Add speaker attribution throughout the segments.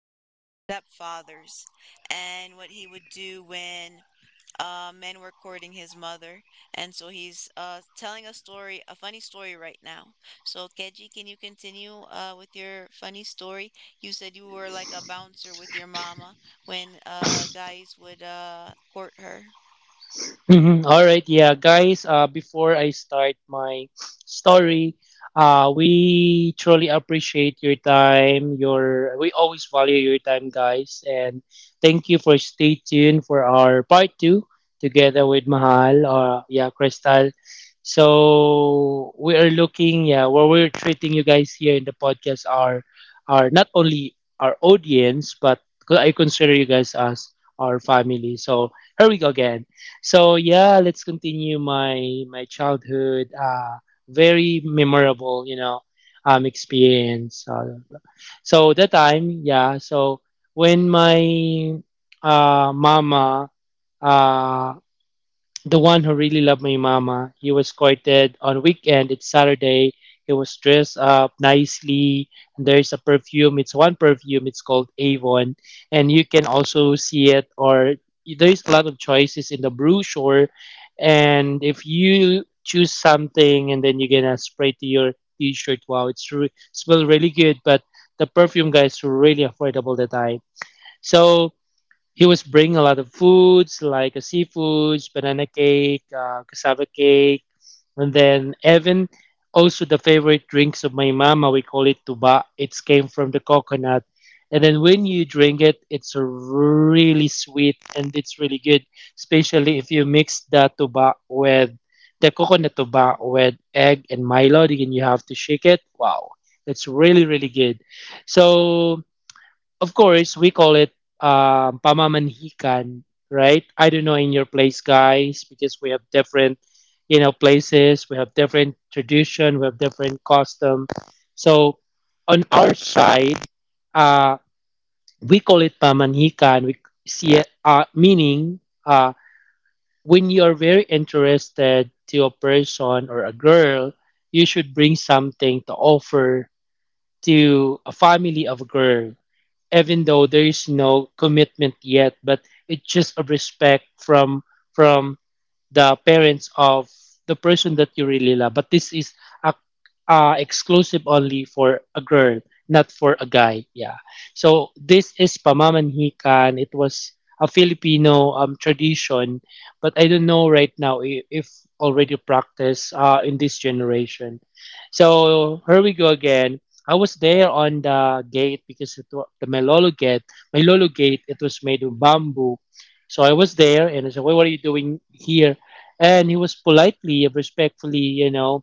Speaker 1: and our stepfathers and what he would do when men were courting his mother, and so he's telling a story, a funny story right now. So, Keji, can you continue with your funny story? You said you were like a bouncer with your mama when guys would court her.
Speaker 2: Mhm. All right, yeah, guys. Before I start my story, we truly appreciate your time. Your We always value your time, guys, and thank you for stay tuned for our part two together with Mahal or, yeah, Crystal. So we are looking, yeah, what we're treating you guys here in the podcast are not only our audience, but I consider you guys as our family. So here we go again. So yeah, let's continue my childhood. Very memorable, you know, experience. So that time, yeah. So when my mama, uh the one who really loved my mama. He was courted on weekend. It's Saturday. He was dressed up nicely. There's a perfume. It's one perfume. It's called Avon, and you can also see it. Or there's a lot of choices in the brochure, and if you choose something and then you're gonna spray to your t-shirt, wow, smell really good. But the perfume, guys, were really affordable that time. So he was bringing a lot of foods like a seafoods, banana cake, cassava cake, and then even also the favorite drinks of my mama. We call it tuba. It came from the coconut, and then when you drink it, it's really sweet and it's really good, especially if you mix the tuba with the coconut tuba with egg and Milo, and you have to shake it. Wow, it's really good. So of course, we call it pamamanhikan, right? I don't know in your place, guys, because we have different, you know, places. We have different tradition. We have different custom. So on our side, uh, we call it pamanhikan. We see it, meaning when you are very interested to a person or a girl, you should bring something to offer to a family of a girl, even though there is no commitment yet, but it's just a respect from from the parents of the person that you really love. But this is a, exclusive only for a girl, not for a guy. Yeah. So this is pamamanhikan. It was a Filipino tradition, but I don't know right now if already practiced in this generation. So here we go again. I was there on the gate because it was the Malolo gate. Malolo gate. It was made of bamboo. So I was there and I said, "Wait, what are you doing here?" And he was politely and respectfully, you know,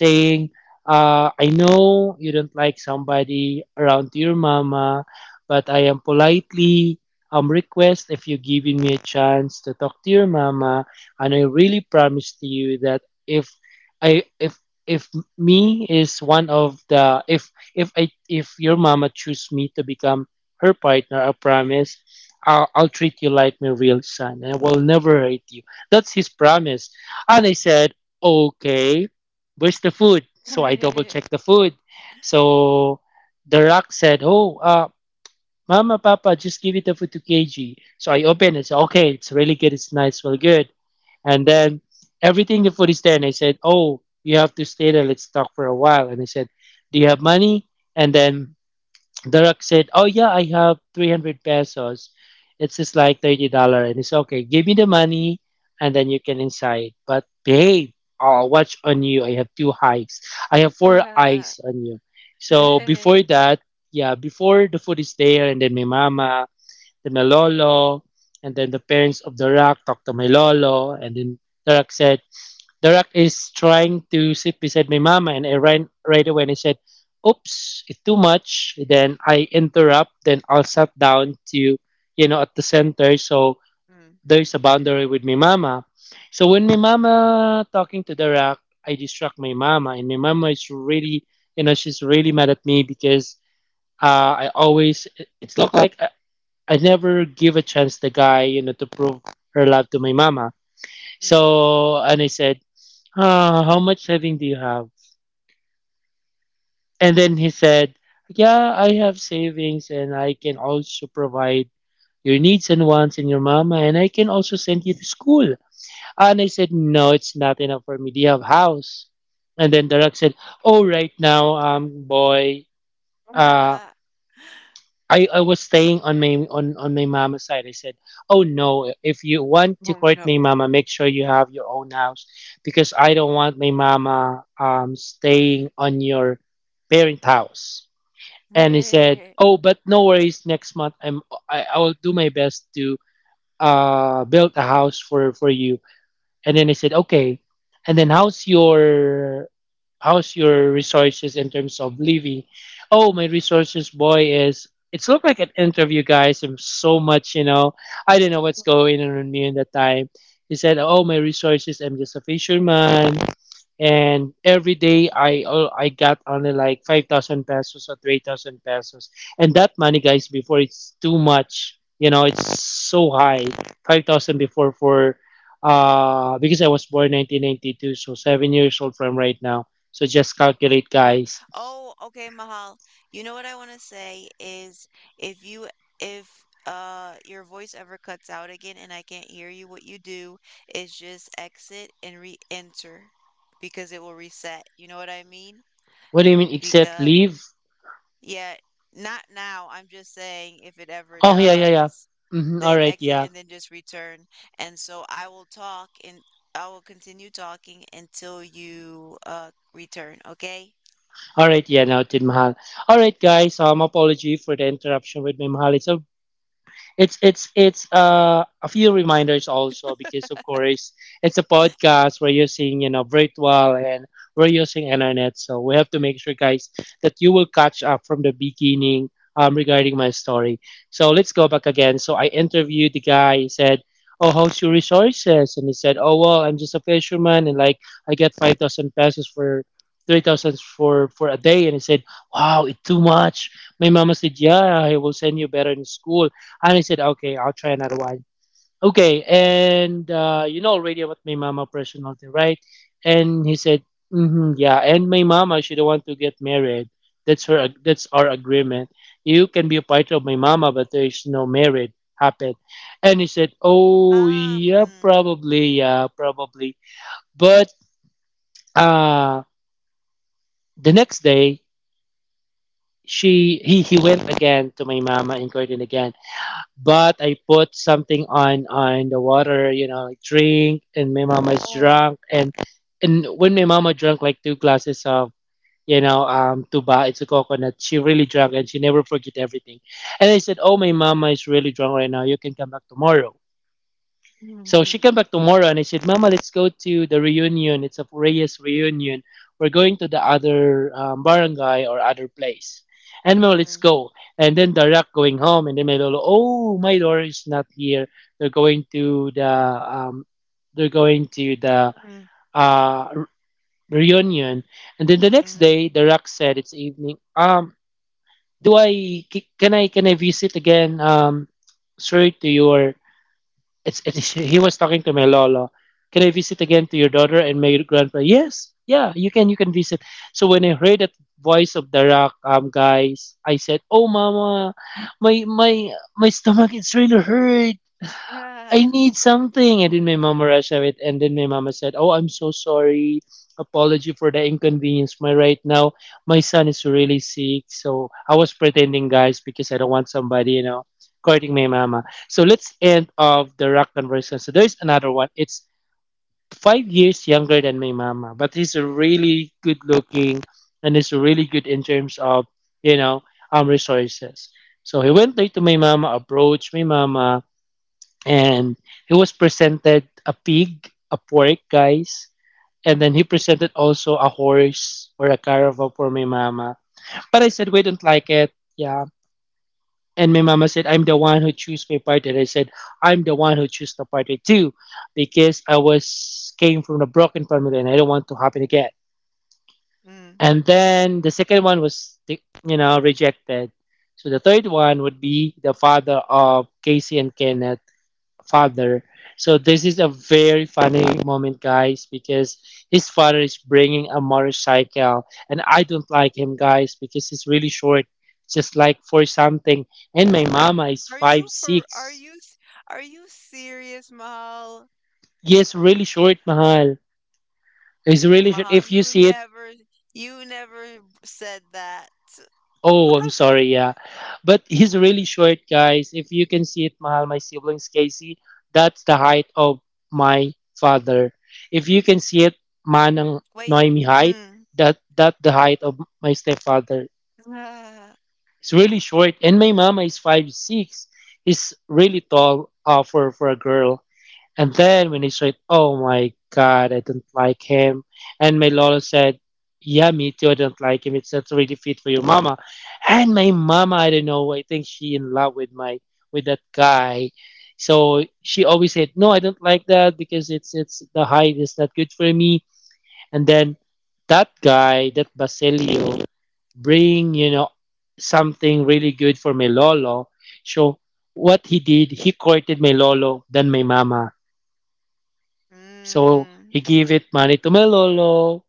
Speaker 2: saying, "I know you don't like somebody around your mama, but I am politely request if you're giving me a chance to talk to your mama, and I really promise to you that if I if me is one of the if I if your mama choose me to become her partner, I promise I'll treat you like my real son and I will never hurt you." That's his promise. And I said, okay, where's the food? So I double checked the food. So the Rock said, oh, Mama, Papa, just give it the food to KG. So I opened it. So, okay, it's really good. It's nice. Well, good. And then everything the food is there. And I said, oh, you have to stay there. Let's talk for a while. And I said, do you have money? And then the Rock said, "Oh yeah, I have 300 pesos. It's just like $30." And it's okay. Give me the money and then you can inside. But babe, will watch on you. I have two eyes. I have four
Speaker 1: Ah.
Speaker 2: eyes on you. So before that, yeah, before the food is there and then my mama, then my lolo, and then the parents of the Rock talk to my lolo and then the Rock said, the rat is trying to sit beside my mama and I ran right away and I said, oops, it's too much. Then I interrupt, then I'll sat down to, you know, at the center. So
Speaker 1: Mm,
Speaker 2: there's a boundary with my mama. So when my mama talking to the rat, I distract my mama and my mama is really, you know, she's really mad at me because I always, it's not like I never give a chance the guy, you know, to prove her love to my mama.
Speaker 1: mm.
Speaker 2: So, and I said, how much saving do you have? And then he said, yeah, I have savings and I can also provide your needs and wants and your mama and I can also send you to school. And I said, no, it's not enough for me. Do you have house? And then Darak said, oh, right now, boy, uh,
Speaker 1: Ah.
Speaker 2: I was staying on my on my mama's side. I said, "Oh no! If you want to
Speaker 1: Oh
Speaker 2: court my
Speaker 1: no.
Speaker 2: mama, make sure you have your own house because I don't want my mama staying on your parent house." And he said, "Oh, but no worries. Next month, I will do my best to build a house for you." And then I said, "Okay." And then how's your resources in terms of living? Oh, my resources, boy, is it's looked like an interview, guys. I'm so much, you know, I do not know what's going on with me in that time. He said, "Oh, my resources. I'm just a fisherman, and every day I got only like 5,000 pesos or 3,000 pesos, and that money, guys, before it's too much. You know, it's so high. 5,000 before for because I was born 1992, so 7 years old from right now. So just calculate,
Speaker 1: Oh,
Speaker 2: guys.
Speaker 1: oh, okay, Mahal. You know what I want to say is if you if your voice ever cuts out again and I can't hear you, what you do is just exit and re-enter because it will reset. You know what I mean?
Speaker 2: What do you mean except
Speaker 1: Because
Speaker 2: leave?
Speaker 1: yeah, not now. I'm just saying if it ever
Speaker 2: Oh, yeah, yeah, yeah.
Speaker 1: does,
Speaker 2: Mm-hmm, all
Speaker 1: then
Speaker 2: right,
Speaker 1: exit
Speaker 2: yeah.
Speaker 1: and then just return. And so I will talk and I will continue talking until you return, okay?
Speaker 2: All right, yeah, noted, Mahal. All right, guys, apology for the interruption with my Mahal. It's a it's it's a few reminders also because of course it's a podcast, we're using, you know, virtual and we're using internet, so we have to make sure, guys, that you will catch up from the beginning, regarding my story. So let's go back again. So I interviewed the guy. He said, oh, how's your resources? And he said, oh, well, I'm just a fisherman and like I get 5000 pesos for 3000 for a day. And he said, wow, it's too much. My mama said, yeah, I will send you better in school. And I said, okay, I'll try another one. Okay, and you know already about my mama personality, right? And he said, mm-hmm, yeah. And my mama, she don't want to get married. That's our agreement. You can be a part of my mama, but there is no marriage happen. And he said, oh yeah,
Speaker 1: Mm.
Speaker 2: probably, yeah, probably. But uh, the next day, she he went again to my mama in Curtin again but I put something on the water, you know, like drink, and my mama's drunk, and when my mama drank like two glasses of, you know, tuba, it's a coconut. She really drank, and she never forget everything. And I said, oh, my mama is really drunk right now. You can come back tomorrow. So she
Speaker 1: Mhm,
Speaker 2: came back tomorrow and I said, Mama, let's go to the reunion. It's a Reyes reunion. We're going to the other barangay or other place. And Mama, let's
Speaker 1: mm,
Speaker 2: go. And then direct going home. And then my lolo, oh, my daughter is not here. They're going to the, they're going to the
Speaker 1: mm,
Speaker 2: uh, re- reunion. And then the next
Speaker 1: mhm,
Speaker 2: day, direct said, it's evening. Do I, can I visit again, sorry to your it's he was talking to my lola. Can I visit
Speaker 1: mm,
Speaker 2: again to your daughter and my grandpa? Yes, yeah, you can visit. So when I heard that voice of the Rock, guys, I said, "Oh, mama, my my my stomach is really hurt. I
Speaker 1: ah,
Speaker 2: need something." And then my mama rushed of. And then my mama said, oh, I'm so sorry. Apology for the inconvenience. My Right now, my son is really sick. So I was pretending, guys, because I don't want somebody, you know, courting my mama. So let's end off the Rock conversation. So there's another one. It's 5 years younger than my mama, but he's really good looking and he's really good in terms of, you know, resources. So he went there to my mama, approached my mama, and he was presented a pig, a pork, guys, and then he
Speaker 1: mm,
Speaker 2: presented also a horse or a caravan for my mama. But I said we don't like it, yeah. And my mama said, I'm the one who choose my party. And I said, I'm the one who choose the party too, because I was came from a broken family and I don't want to happen again.
Speaker 1: mm.
Speaker 2: And then the second one was, rejected. So the third one would be the father of Casey and Kenneth father. So this is a very funny moment, guys, because his father is bringing a motorcycle, and I don't like him, guys, because he's really short, just like for something. And my mama is
Speaker 1: Are
Speaker 2: five
Speaker 1: you for are
Speaker 2: six.
Speaker 1: you s- are you serious, Mahal?
Speaker 2: Yes, really short, Mahal. It's really short.
Speaker 1: Mahal,
Speaker 2: If you
Speaker 1: you
Speaker 2: see it,
Speaker 1: never you never said that.
Speaker 2: oh, I'm sorry. Yeah, but he's really short, guys. If you can see it, Mahal, my siblings, Casey, that's the height of my father. If you can see it, Manang
Speaker 1: Wait.
Speaker 2: Noemi height,
Speaker 1: Mm.
Speaker 2: that the height of my stepfather.
Speaker 1: Ah.
Speaker 2: It's really short, and my mama is 5'6". Is really tall, for a girl. And
Speaker 1: Mm.
Speaker 2: then when he saw it, oh my god, I don't like him. And my Lolo said, yeah, me too, I don't like him. It's not a three defeat for your mama. And my mama, I don't know, I think she in love with my with that guy. So she always said, no, I don't like that because it's the height is not good for me. And then that guy, that Basilio, bring something really good for my lolo. So what he did, he courted my lolo, then my mama. So he
Speaker 1: Mm.
Speaker 2: gave it money to my lolo,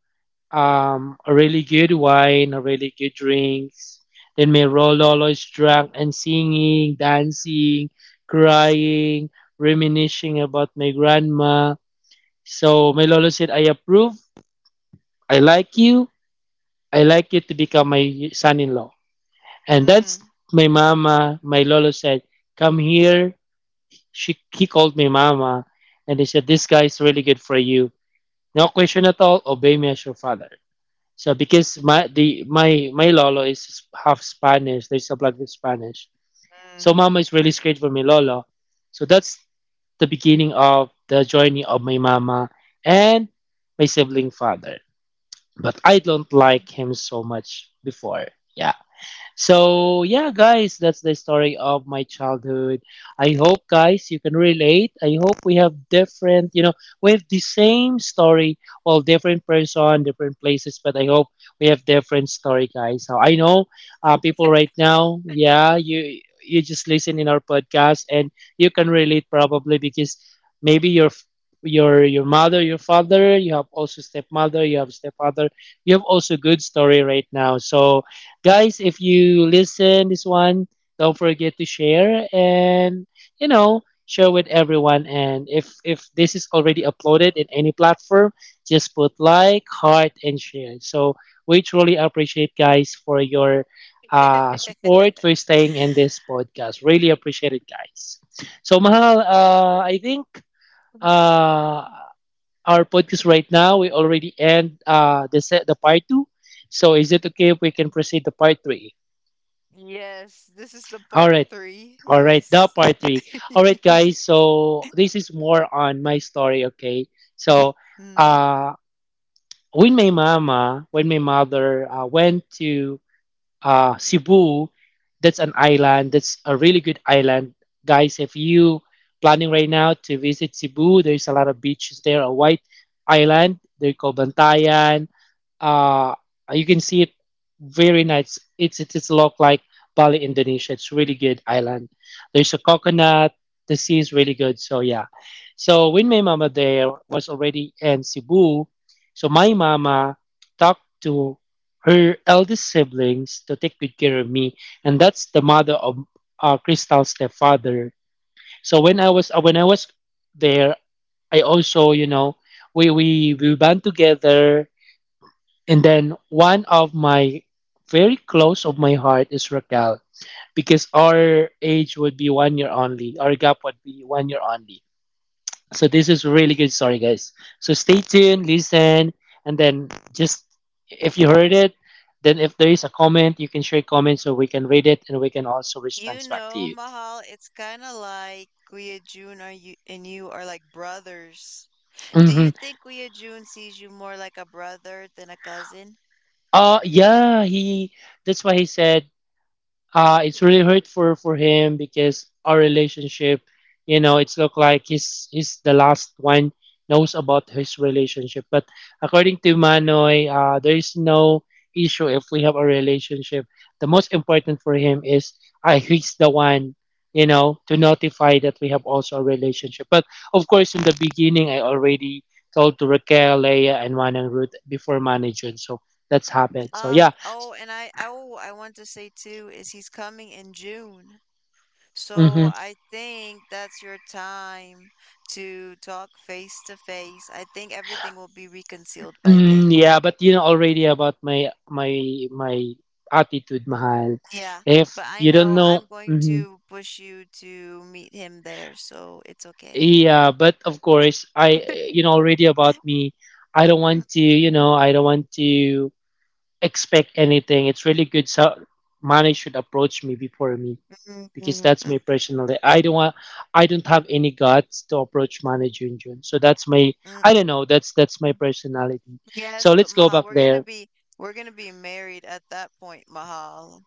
Speaker 2: a really good wine, a really good drinks. Then my lolo is drunk and singing, dancing, crying, reminiscing about my grandma. So my lolo said, I approve. I like you. I like you to become my son-in-law. And that's
Speaker 1: Mm.
Speaker 2: my mama. My lolo said, come here. She, he called me mama. And he said, this guy is really good for you. No question at all. Obey me as your father. So because my the my my lolo is half Spanish. There's a blood with Spanish. So
Speaker 1: Mm.
Speaker 2: mama is really scared for me lolo. So that's the beginning of the journey of my mama and my sibling father. But I don't
Speaker 1: Mm.
Speaker 2: like him so much before. Yeah. So yeah, guys, that's the story of my childhood. I hope guys you can relate. I hope we have different, you know, we have the same story, well, different person, different places, but I hope we have different story, guys. So I know, people right now, yeah, you just listen in our podcast and you can relate probably because maybe your your mother, your father, you have also stepmother, you have stepfather, you have also good story right now. So guys, if you listen this one, don't forget to share and you know share with everyone. And if this is already uploaded in any platform, just put like, heart, and share. So we truly appreciate guys for your support for staying in this podcast. Really appreciate it, guys. So Mahal, I think uh, our podcast right now we already end, the set the part two. So is it okay if we can proceed to part three?
Speaker 1: Yes, this is the
Speaker 2: All
Speaker 1: part
Speaker 2: right.
Speaker 1: three.
Speaker 2: All right. The
Speaker 1: Yes.
Speaker 2: part three. All right, guys. So this is more on my story. Okay. So,
Speaker 1: Mm.
Speaker 2: uh, when my mama, when my mother went to, Cebu, that's an island. That's a really good island, guys. If you planning right now to visit Cebu, there's a lot of beaches there. A white island. They're called, uh you can see it, very nice. It's look like Bali Indonesia. It's really good island. There's a coconut, the sea is really good, so yeah. So when my mama there was already in Cebu, so my mama talked to her eldest siblings to take good care of me, and that's the mother of, Crystal's stepfather. So when I was, when I was there, I also you know we band together. And then one of my very close of my heart is Raquel, because our age would be one year only. Our gap would be one year only. So this is a really good story, guys. So stay tuned, listen, and then just if you heard it, then if there is a comment, you can share comments so we can read it and we can also respond
Speaker 1: You
Speaker 2: back to
Speaker 1: know,
Speaker 2: you.
Speaker 1: Mahal, it's kind of like Guia Jun are you and you are like brothers. Do
Speaker 2: Mm-hmm.
Speaker 1: you think Guia Jun sees you more like a brother than a cousin?
Speaker 2: Yeah, he. That's why he said, it's really hurt for him, because our relationship you know it's look like he's the last one knows about his relationship. But according to manoy, there is no issue if we have a relationship. The most important for him is I he's the one you know to notify that we have also a relationship. But of course in the beginning I already told to Raquel, Leia and Juan and Ruth before manager. So that's happened, so yeah.
Speaker 1: Oh, and I want to say too is he's coming in June. So
Speaker 2: Mhm.
Speaker 1: I think that's your time to talk face to face. I think everything will be reconciled by
Speaker 2: Mm,
Speaker 1: then.
Speaker 2: yeah, but you know already about my attitude, Mahal.
Speaker 1: Yeah,
Speaker 2: If
Speaker 1: but I
Speaker 2: you don't
Speaker 1: know
Speaker 2: know,
Speaker 1: I'm going
Speaker 2: mhm.
Speaker 1: to push you to meet him there, so it's okay.
Speaker 2: Yeah, but of course, I you know already about me. I don't want to, you know, I don't want to expect anything. It's really good. So money should approach me before me,
Speaker 1: Mm-mm,
Speaker 2: because that's
Speaker 1: mm
Speaker 2: my personal. I don't want, I don't have any guts to approach money, Junjun. So that's my,
Speaker 1: mm.
Speaker 2: I don't know. That's my personality.
Speaker 1: Yes,
Speaker 2: So
Speaker 1: but
Speaker 2: let's go
Speaker 1: Mahal,
Speaker 2: back
Speaker 1: we're gonna
Speaker 2: there.
Speaker 1: be we're gonna be married at that point, Mahal.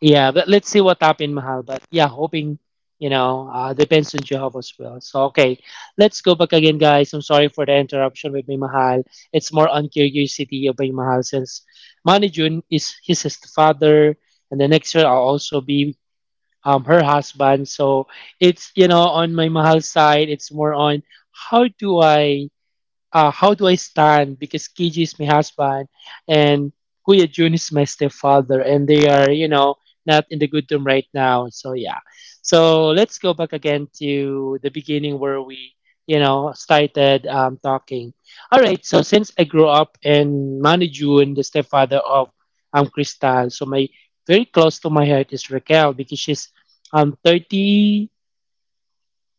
Speaker 2: Yeah, but let's see what happened, Mahal. But yeah, hoping, you know, depends on Jehovah's will. So, okay, let's go back again, guys. I'm sorry for the interruption with me, Mahal. It's more on curiosity of my Mahal, since Manny June is his father, and the next year I'll also be, her husband. So, it's, you know, on my Mahal side, it's more on how do I, how do I stand? Because KG is my husband and Kuya Jun is my stepfather, and they are, you know, not in the good term right now. So, yeah. So, let's go back again to the beginning where we, you know, started, talking. All right. So, since I grew up in Manu Jun, the stepfather of, Crystal, so my very close to my heart is Raquel, because she's 30.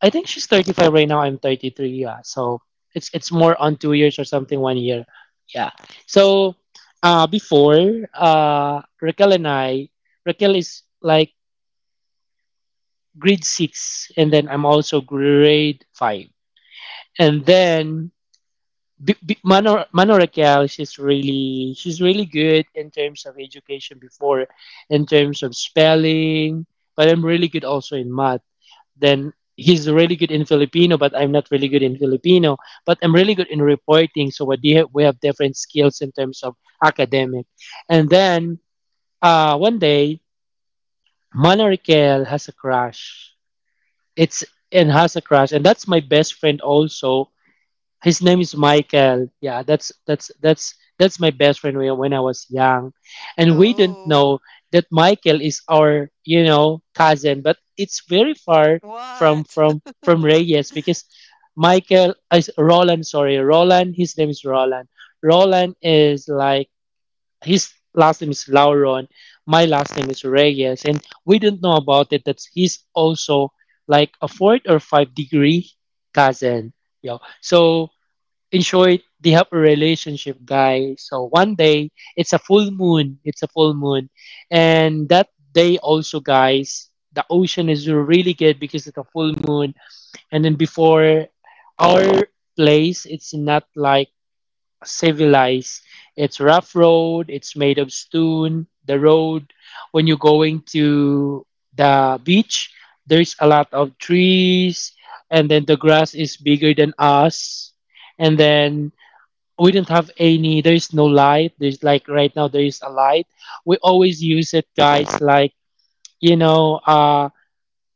Speaker 2: I think she's 35 right now. I'm 33. Yeah, so it's more on two years or something, one year. Yeah. So, before, Raquel and I, Raquel is like grade six, and then I'm also grade five, and then. Mano Raquel, she's really good in terms of education before, in terms of spelling. But I'm really good also in math. Then he's really good in Filipino, but I'm not really good in Filipino. But I'm really good in reporting, so what do you- have? We have different skills in terms of academic. And then, one day, Mana Raquel has a crush. It's and has a crush, and that's my best friend also. His name is Michael. Yeah, that's my best friend when I was young, and we didn't know
Speaker 1: Oh,
Speaker 2: that Michael is our you know cousin, but it's very far from
Speaker 1: what?
Speaker 2: from from Reyes, because Michael is Roland. Sorry, Roland. His name is Roland. Roland is like his last name is Lauron. My last name is Reyes, and we didn't know about it that he's also like a fourth or five-degree cousin. Yeah. So in short, they have a relationship, guys. So one day, it's a full moon. It's a full moon. And that day also, guys, the ocean is really good because it's a full moon. And then before our place, it's not like civilized. It's rough road. It's made of stone. The road, when you're going to the beach, there's a lot of trees. And then the grass is bigger than us. And then we do not have any, there is no light. There's like right now there is a light. We always use it guys, like, you know,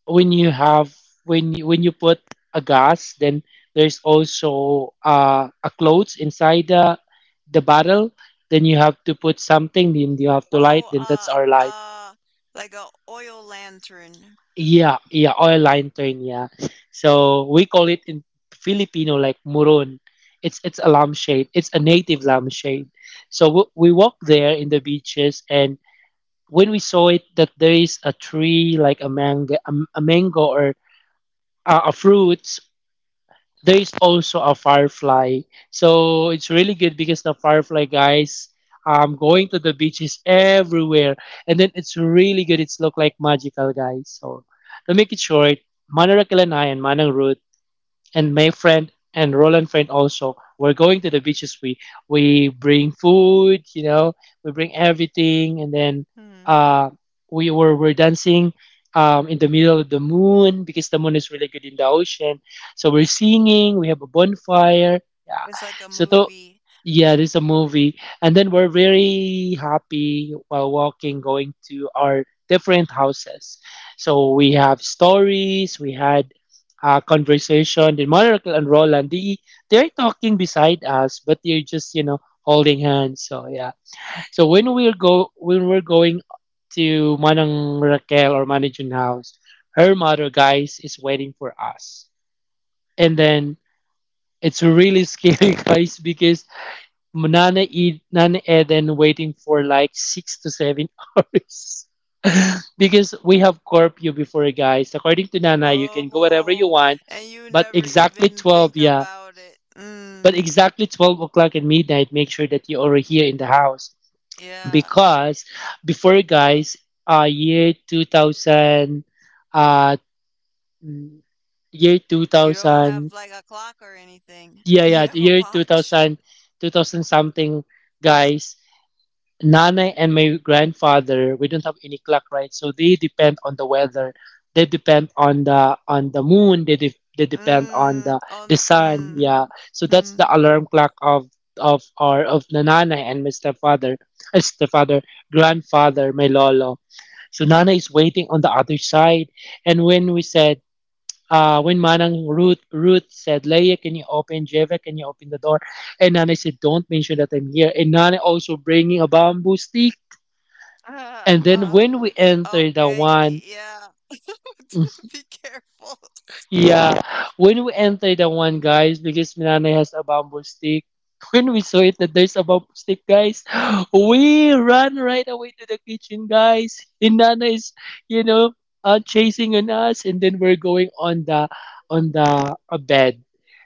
Speaker 2: when you have, when you put a gas, then there's also, a clothes inside the bottle, then you have to put something, then you have to light,
Speaker 1: Oh,
Speaker 2: then that's our light.
Speaker 1: uh, like a oil lantern.
Speaker 2: Yeah, yeah, oil line thing, yeah. So we call it in Filipino like murun. It's a lampshade. It's a native lampshade. So we walked there in the beaches, and when we saw it that there is a tree like a mango, a mango or, a fruit, there is also a firefly. So it's really good because the firefly guys, going to the beaches everywhere. And then it's really good. It's look like magical guys. So to make it short, Manarakilanai and I and Manang Ruth and my friend and Roland friend also were going to the beaches. We bring food, we bring everything, and then
Speaker 1: Hmm.
Speaker 2: uh, we dancing in the middle of the moon because the moon is really good in the ocean. So we're singing. We have a bonfire. Yeah.
Speaker 1: It's like a
Speaker 2: So to,
Speaker 1: movie.
Speaker 2: yeah, this is a movie, and then we're very happy while walking, going to our different houses. So we have stories. We had conversation with Miracle and Roland. They're talking beside us, but they're just holding hands. So yeah. So when we're go when we're going to Manang Raquel or Manijun House, her mother guys is waiting for us, and then it's really scary guys because none eat and waiting for like six to seven hours because we have curfew before guys, according to Nana, you can go wherever you
Speaker 1: Oh,
Speaker 2: want,
Speaker 1: and you
Speaker 2: but
Speaker 1: never
Speaker 2: exactly
Speaker 1: even think
Speaker 2: 12 yeah
Speaker 1: about it.
Speaker 2: but
Speaker 1: Mm.
Speaker 2: exactly 12 o'clock at midnight, make sure that you are here in the house,
Speaker 1: Yeah.
Speaker 2: because before guys, year 2000, uh mm, year
Speaker 1: You don't have
Speaker 2: 2000,
Speaker 1: like a clock or anything.
Speaker 2: yeah
Speaker 1: You
Speaker 2: yeah,
Speaker 1: have
Speaker 2: the
Speaker 1: a
Speaker 2: year two
Speaker 1: watch.
Speaker 2: thousand, 2000 something guys, Nana and my grandfather, we don't have any clock, right? So they depend on the weather. They depend on the moon. They depend on
Speaker 1: Mm.
Speaker 2: the
Speaker 1: On.
Speaker 2: the
Speaker 1: Th-
Speaker 2: sun.
Speaker 1: Mm.
Speaker 2: Yeah. So that's the
Speaker 1: Mm.
Speaker 2: alarm clock of the Nana and my uh, stepfather, grandfather, my lolo. So Nana is waiting on the other side, and when we said. When Manang Ruth said, "Leia, can you open? Jeva, can you open the door?" And Nana said, "Don't mention that I'm here." And Nana also bringing a bamboo stick,
Speaker 1: Ah,
Speaker 2: and then
Speaker 1: ah.
Speaker 2: when we enter the
Speaker 1: Okay,
Speaker 2: one,
Speaker 1: yeah. Be careful.
Speaker 2: yeah, when we enter the one, guys, because Minanay has a bamboo stick. When we saw it that there's a bamboo stick, guys, we run right away to the kitchen, guys. And Nana is, you know, uh, chasing on us, and then we're going on the bed.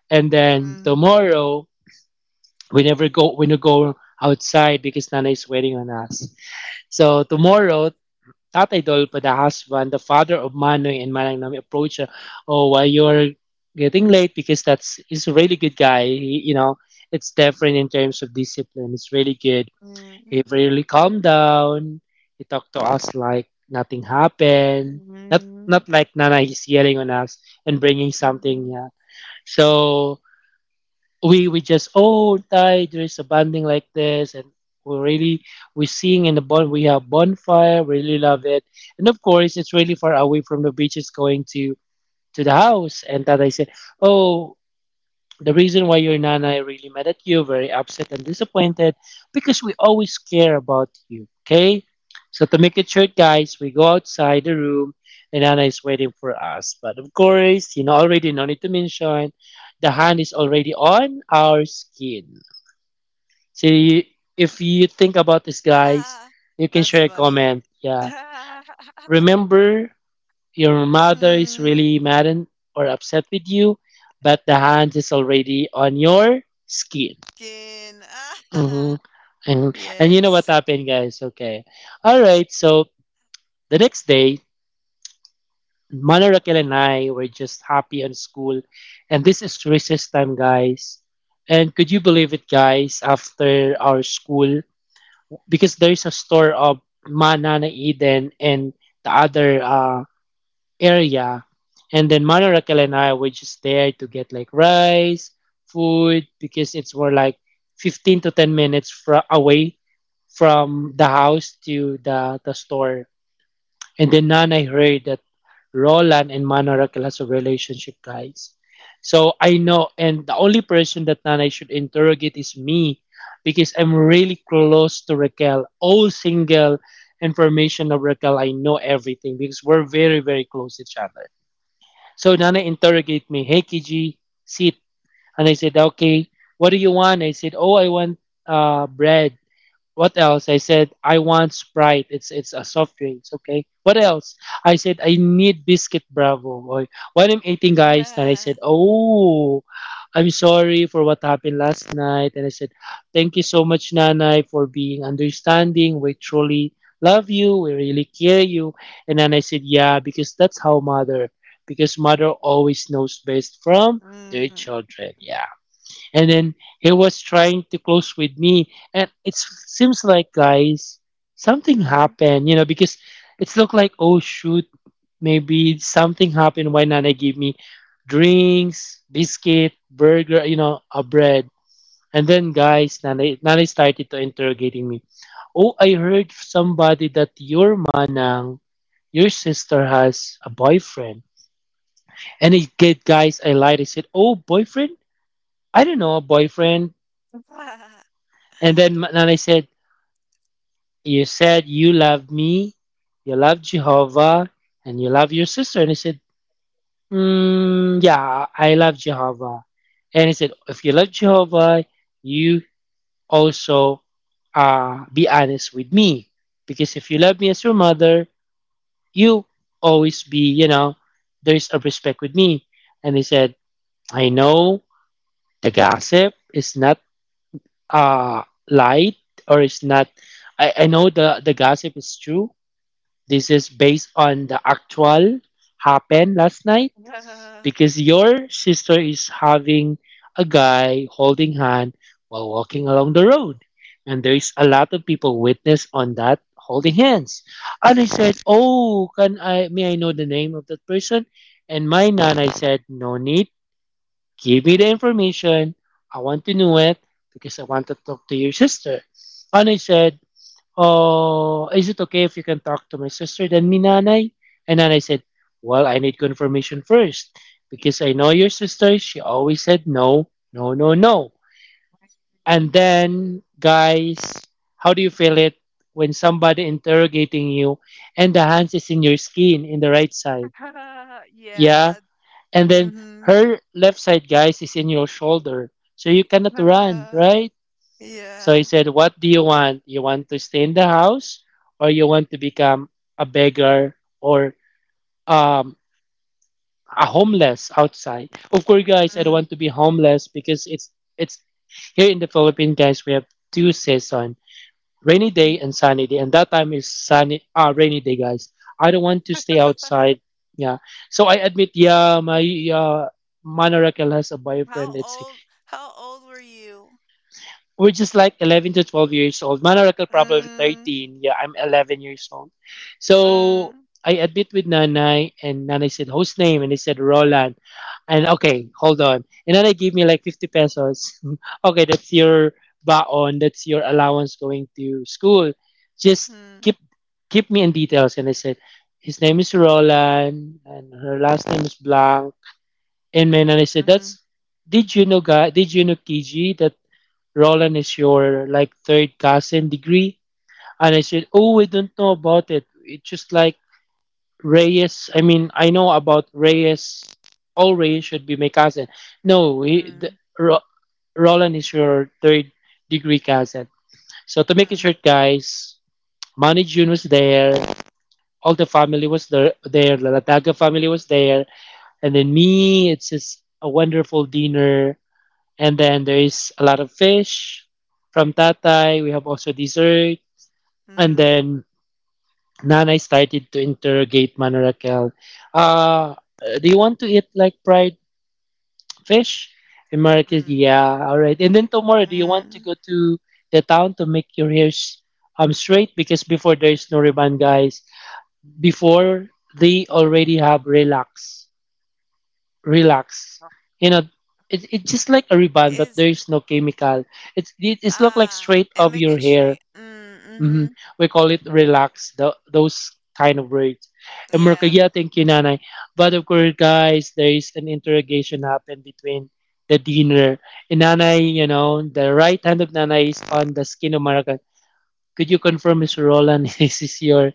Speaker 2: And then
Speaker 1: Mm,
Speaker 2: tomorrow, we never go outside because Nana is waiting on us. So tomorrow, Tatay Dolpo, the husband, the father of Manoy and Manang Nami approach her, "Oh, why you're getting late?" Because that's he's a really good guy. He, it's different in terms of discipline. It's really good.
Speaker 1: mm,
Speaker 2: He really calmed down. He talked to us like nothing happened. Not
Speaker 1: mm,
Speaker 2: not like Nana is yelling on us and bringing something.
Speaker 1: mhm.
Speaker 2: Yeah. So we just, oh Thai, there is a banding like this, and we really, we sing in the bon we have bonfire, really love it. And of course it's really far away from the beach, it's going to the house. And that I said, "Oh, the reason why your nana really mad at you, very upset and disappointed, because we always care about you, okay?" So to make it short, guys, we go outside the room and Nana is waiting for us. But of course, you know already, no need to mention, the hand is already on our skin. See, if you think about this, guys,
Speaker 1: Ah,
Speaker 2: you can
Speaker 1: that's
Speaker 2: share a
Speaker 1: funny.
Speaker 2: comment. Yeah. Remember, your mother is
Speaker 1: Mm,
Speaker 2: really mad or upset with you, but the hand is already on your skin.
Speaker 1: skin.
Speaker 2: Hmm.
Speaker 1: Ah.
Speaker 2: And you know what
Speaker 1: Yes.
Speaker 2: happened, guys? Okay, all right. So the next day, Mana Raquel and I were just happy on school, and this is recess time, guys. And could you believe it, guys? After our school, because there is a store of Mana na Eden and the other area. And then Manurakal and I were just there to get like rice, food, because it's more like 15 to 10 minutes away from the house to the store. And then I heard that Roland and Manurakal has a relationship, guys. So I know, and the only person that Nanay should interrogate is me because I'm really close to Raquel. All single information of Raquel, I know everything because we're very, very close to each other. So Nana interrogate me, "Hey KG, sit." And I said, "Okay, what do you want?" I said, "Oh, I want bread." "What else?" I said, "I want Sprite. It's a soft drink." "Okay. What else?" I said, "I need biscuit Bravo." Or what I'm eating, guys. And I
Speaker 1: Ah.
Speaker 2: said, "Oh, I'm sorry for what happened last night." And I said, "Thank you so much, Nanay, for being understanding. We truly love you. We really care you." And then I said, "Yeah, because that's how mother. Because mother always knows best from their
Speaker 1: Mm,
Speaker 2: children." Yeah, and then he was trying to close with me, and it seems like guys something
Speaker 1: mm,
Speaker 2: happened because it's looked like, oh shoot, maybe something happened. Why nana gave me drinks, biscuit, burger, a bread. And then
Speaker 1: mm.
Speaker 2: guys, nana started to interrogating me. "Oh, I heard somebody that your manang, your sister has a boyfriend." And it get guys, I lied. I said, "Oh, boyfriend, I don't know a boyfriend."
Speaker 1: Ah.
Speaker 2: And then and I said, "You said you love me, you love Jehovah, and you love your sister." And he said, "Yeah, I love Jehovah." And he said, "If you love Jehovah, you also be honest with me. Because if you love me as your mother, you always be, there's a respect with me." And he said, "I know the gossip is not uh, light, or it's not, I know the gossip is true. This is based on the actual happened last night,
Speaker 1: Ah.
Speaker 2: because your sister is having a guy holding hand while walking along the road. And there is a lot of people witness on that holding hands." And I said, "Oh, can I may I know the name of that person?" And my nanay said, "No need, give me the information. I want to know it because I want to talk to your sister." And I said, "Oh, is it okay if you can talk to my sister than me, Nanay?" And Nanay said, "Well, I need confirmation first because I know your sister. She always said no, no, no, no." And
Speaker 1: Mm.
Speaker 2: then, guys, how do you feel it when somebody interrogating you and the hands is in your skin in the right side?
Speaker 1: Ah.
Speaker 2: Yeah.
Speaker 1: Yeah.
Speaker 2: And then
Speaker 1: Mm.
Speaker 2: her left side, guys, is in your shoulder. So you cannot run,
Speaker 1: Mhm.
Speaker 2: right? So he
Speaker 1: Yeah.
Speaker 2: said, "What do you want? You want to stay in the house, or you want to become a beggar or um, a homeless outside?" Of course, guys, I don't
Speaker 1: Mm.
Speaker 2: want to be homeless because it's it's here in the Philippines, guys, we have two seasons, rainy day
Speaker 1: Mm.
Speaker 2: and sunny day. And that time is sunny, rainy day, guys. I don't want to stay outside. Yeah. So I admit, yeah, my uh, Manoracel has a boyfriend.
Speaker 1: How
Speaker 2: It's
Speaker 1: old how old were you?
Speaker 2: We're just like 11 to 12 years old. Manarakel probably
Speaker 1: Mm.
Speaker 2: 13. Yeah, I'm 11 years old. So
Speaker 1: Mm,
Speaker 2: I admit with Nanay, and Nanay said, "Host name," and he said, "Roland." And okay, hold on. And then they give me like 50 pesos. Okay, that's your baon, that's your allowance going to school. Just
Speaker 1: mm,
Speaker 2: keep me in details. And I said, "His name is Roland, and her last name is Blanc." And and I said,
Speaker 1: mhm,
Speaker 2: "That's, Did you know, guy? Did you know, Kiji, that Roland is your like third cousin degree?" And I said, "Oh, I don't know about it. It's just like Reyes. I mean, I know about Reyes. All Reyes should be my cousin. No,
Speaker 1: mm,
Speaker 2: Ro, Roland is your third degree cousin." So to make it
Speaker 1: mm,
Speaker 2: short, guys, Manny June was there. All the family was there. There, the Lataga family was there, and then me. It's just a wonderful dinner, and then there is a lot of fish from Tatay. We have also dessert. And
Speaker 1: mm,
Speaker 2: then Nanay started to interrogate Manarakel. Uh, "Do you want to eat like fried fish?" And Manarakel,
Speaker 1: mm,
Speaker 2: yeah, all right. And then tomorrow, do you want to
Speaker 1: mm.
Speaker 2: go to the town to make your hairs straight? Because before there is no ribbon, guys. Before they already have relax. You know, it's just like a ribbon, but
Speaker 1: Is
Speaker 2: there is no chemical. It's look like
Speaker 1: ah,
Speaker 2: straight
Speaker 1: and
Speaker 2: of
Speaker 1: make
Speaker 2: your
Speaker 1: it
Speaker 2: hair.
Speaker 1: straight. Mm,
Speaker 2: Hmm.
Speaker 1: mhm.
Speaker 2: We call it relax. Those kind of words. And Merkel,
Speaker 1: Yeah.
Speaker 2: yeah, thank you, Nanay. But of course, guys, there is an interrogation happened between the dinner. And Nanay, the right hand of Nanay is on the skin of Merkel. "Could you confirm, Mr. Roland, this is your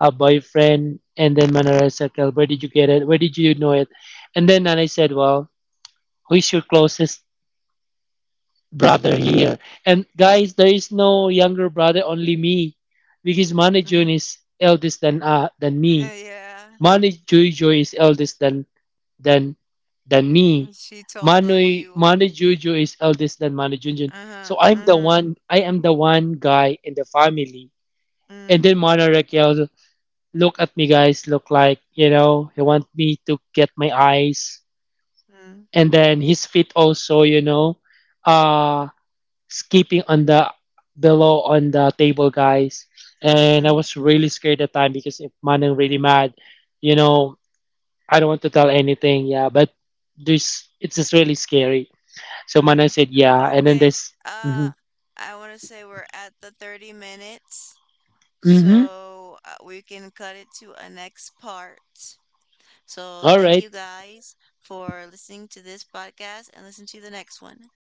Speaker 2: a boyfriend?" And then Manara said, "Well, where did you get it? Where did you know it?" And then Nanay said, "Well, who's your closest brother here?" And guys, there is no younger brother, only me, because Manny
Speaker 1: Mhm.
Speaker 2: June is eldest than
Speaker 1: Uh,
Speaker 2: me.
Speaker 1: yeah.
Speaker 2: Manny Jojo is eldest than than me.
Speaker 1: And she told on
Speaker 2: Manu
Speaker 1: you.
Speaker 2: Manny Jojo is eldest than Manny Junjun.
Speaker 1: Uh-huh.
Speaker 2: So I'm the
Speaker 1: Mhm.
Speaker 2: one. I am the one guy in the family. And
Speaker 1: Mm,
Speaker 2: then Manu Raquel look at me, guys. Look like he want me to get my eyes.
Speaker 1: mm,
Speaker 2: And then his feet also. Uh, Skipping on the below on the table, guys. And I
Speaker 1: mm,
Speaker 2: was really scared at the time because if Manang really mad, you know, I don't want to tell anything. Yeah, but this it's just really scary. So Manang
Speaker 1: mm.
Speaker 2: said, yeah, and then
Speaker 1: Okay.
Speaker 2: this, mm-hmm,
Speaker 1: Uh, I want to say we're at the 30 minutes,
Speaker 2: mm-hmm,
Speaker 1: so we can cut it to a next part. So
Speaker 2: all
Speaker 1: thank
Speaker 2: right.
Speaker 1: you guys for listening to this podcast and listen to the next one.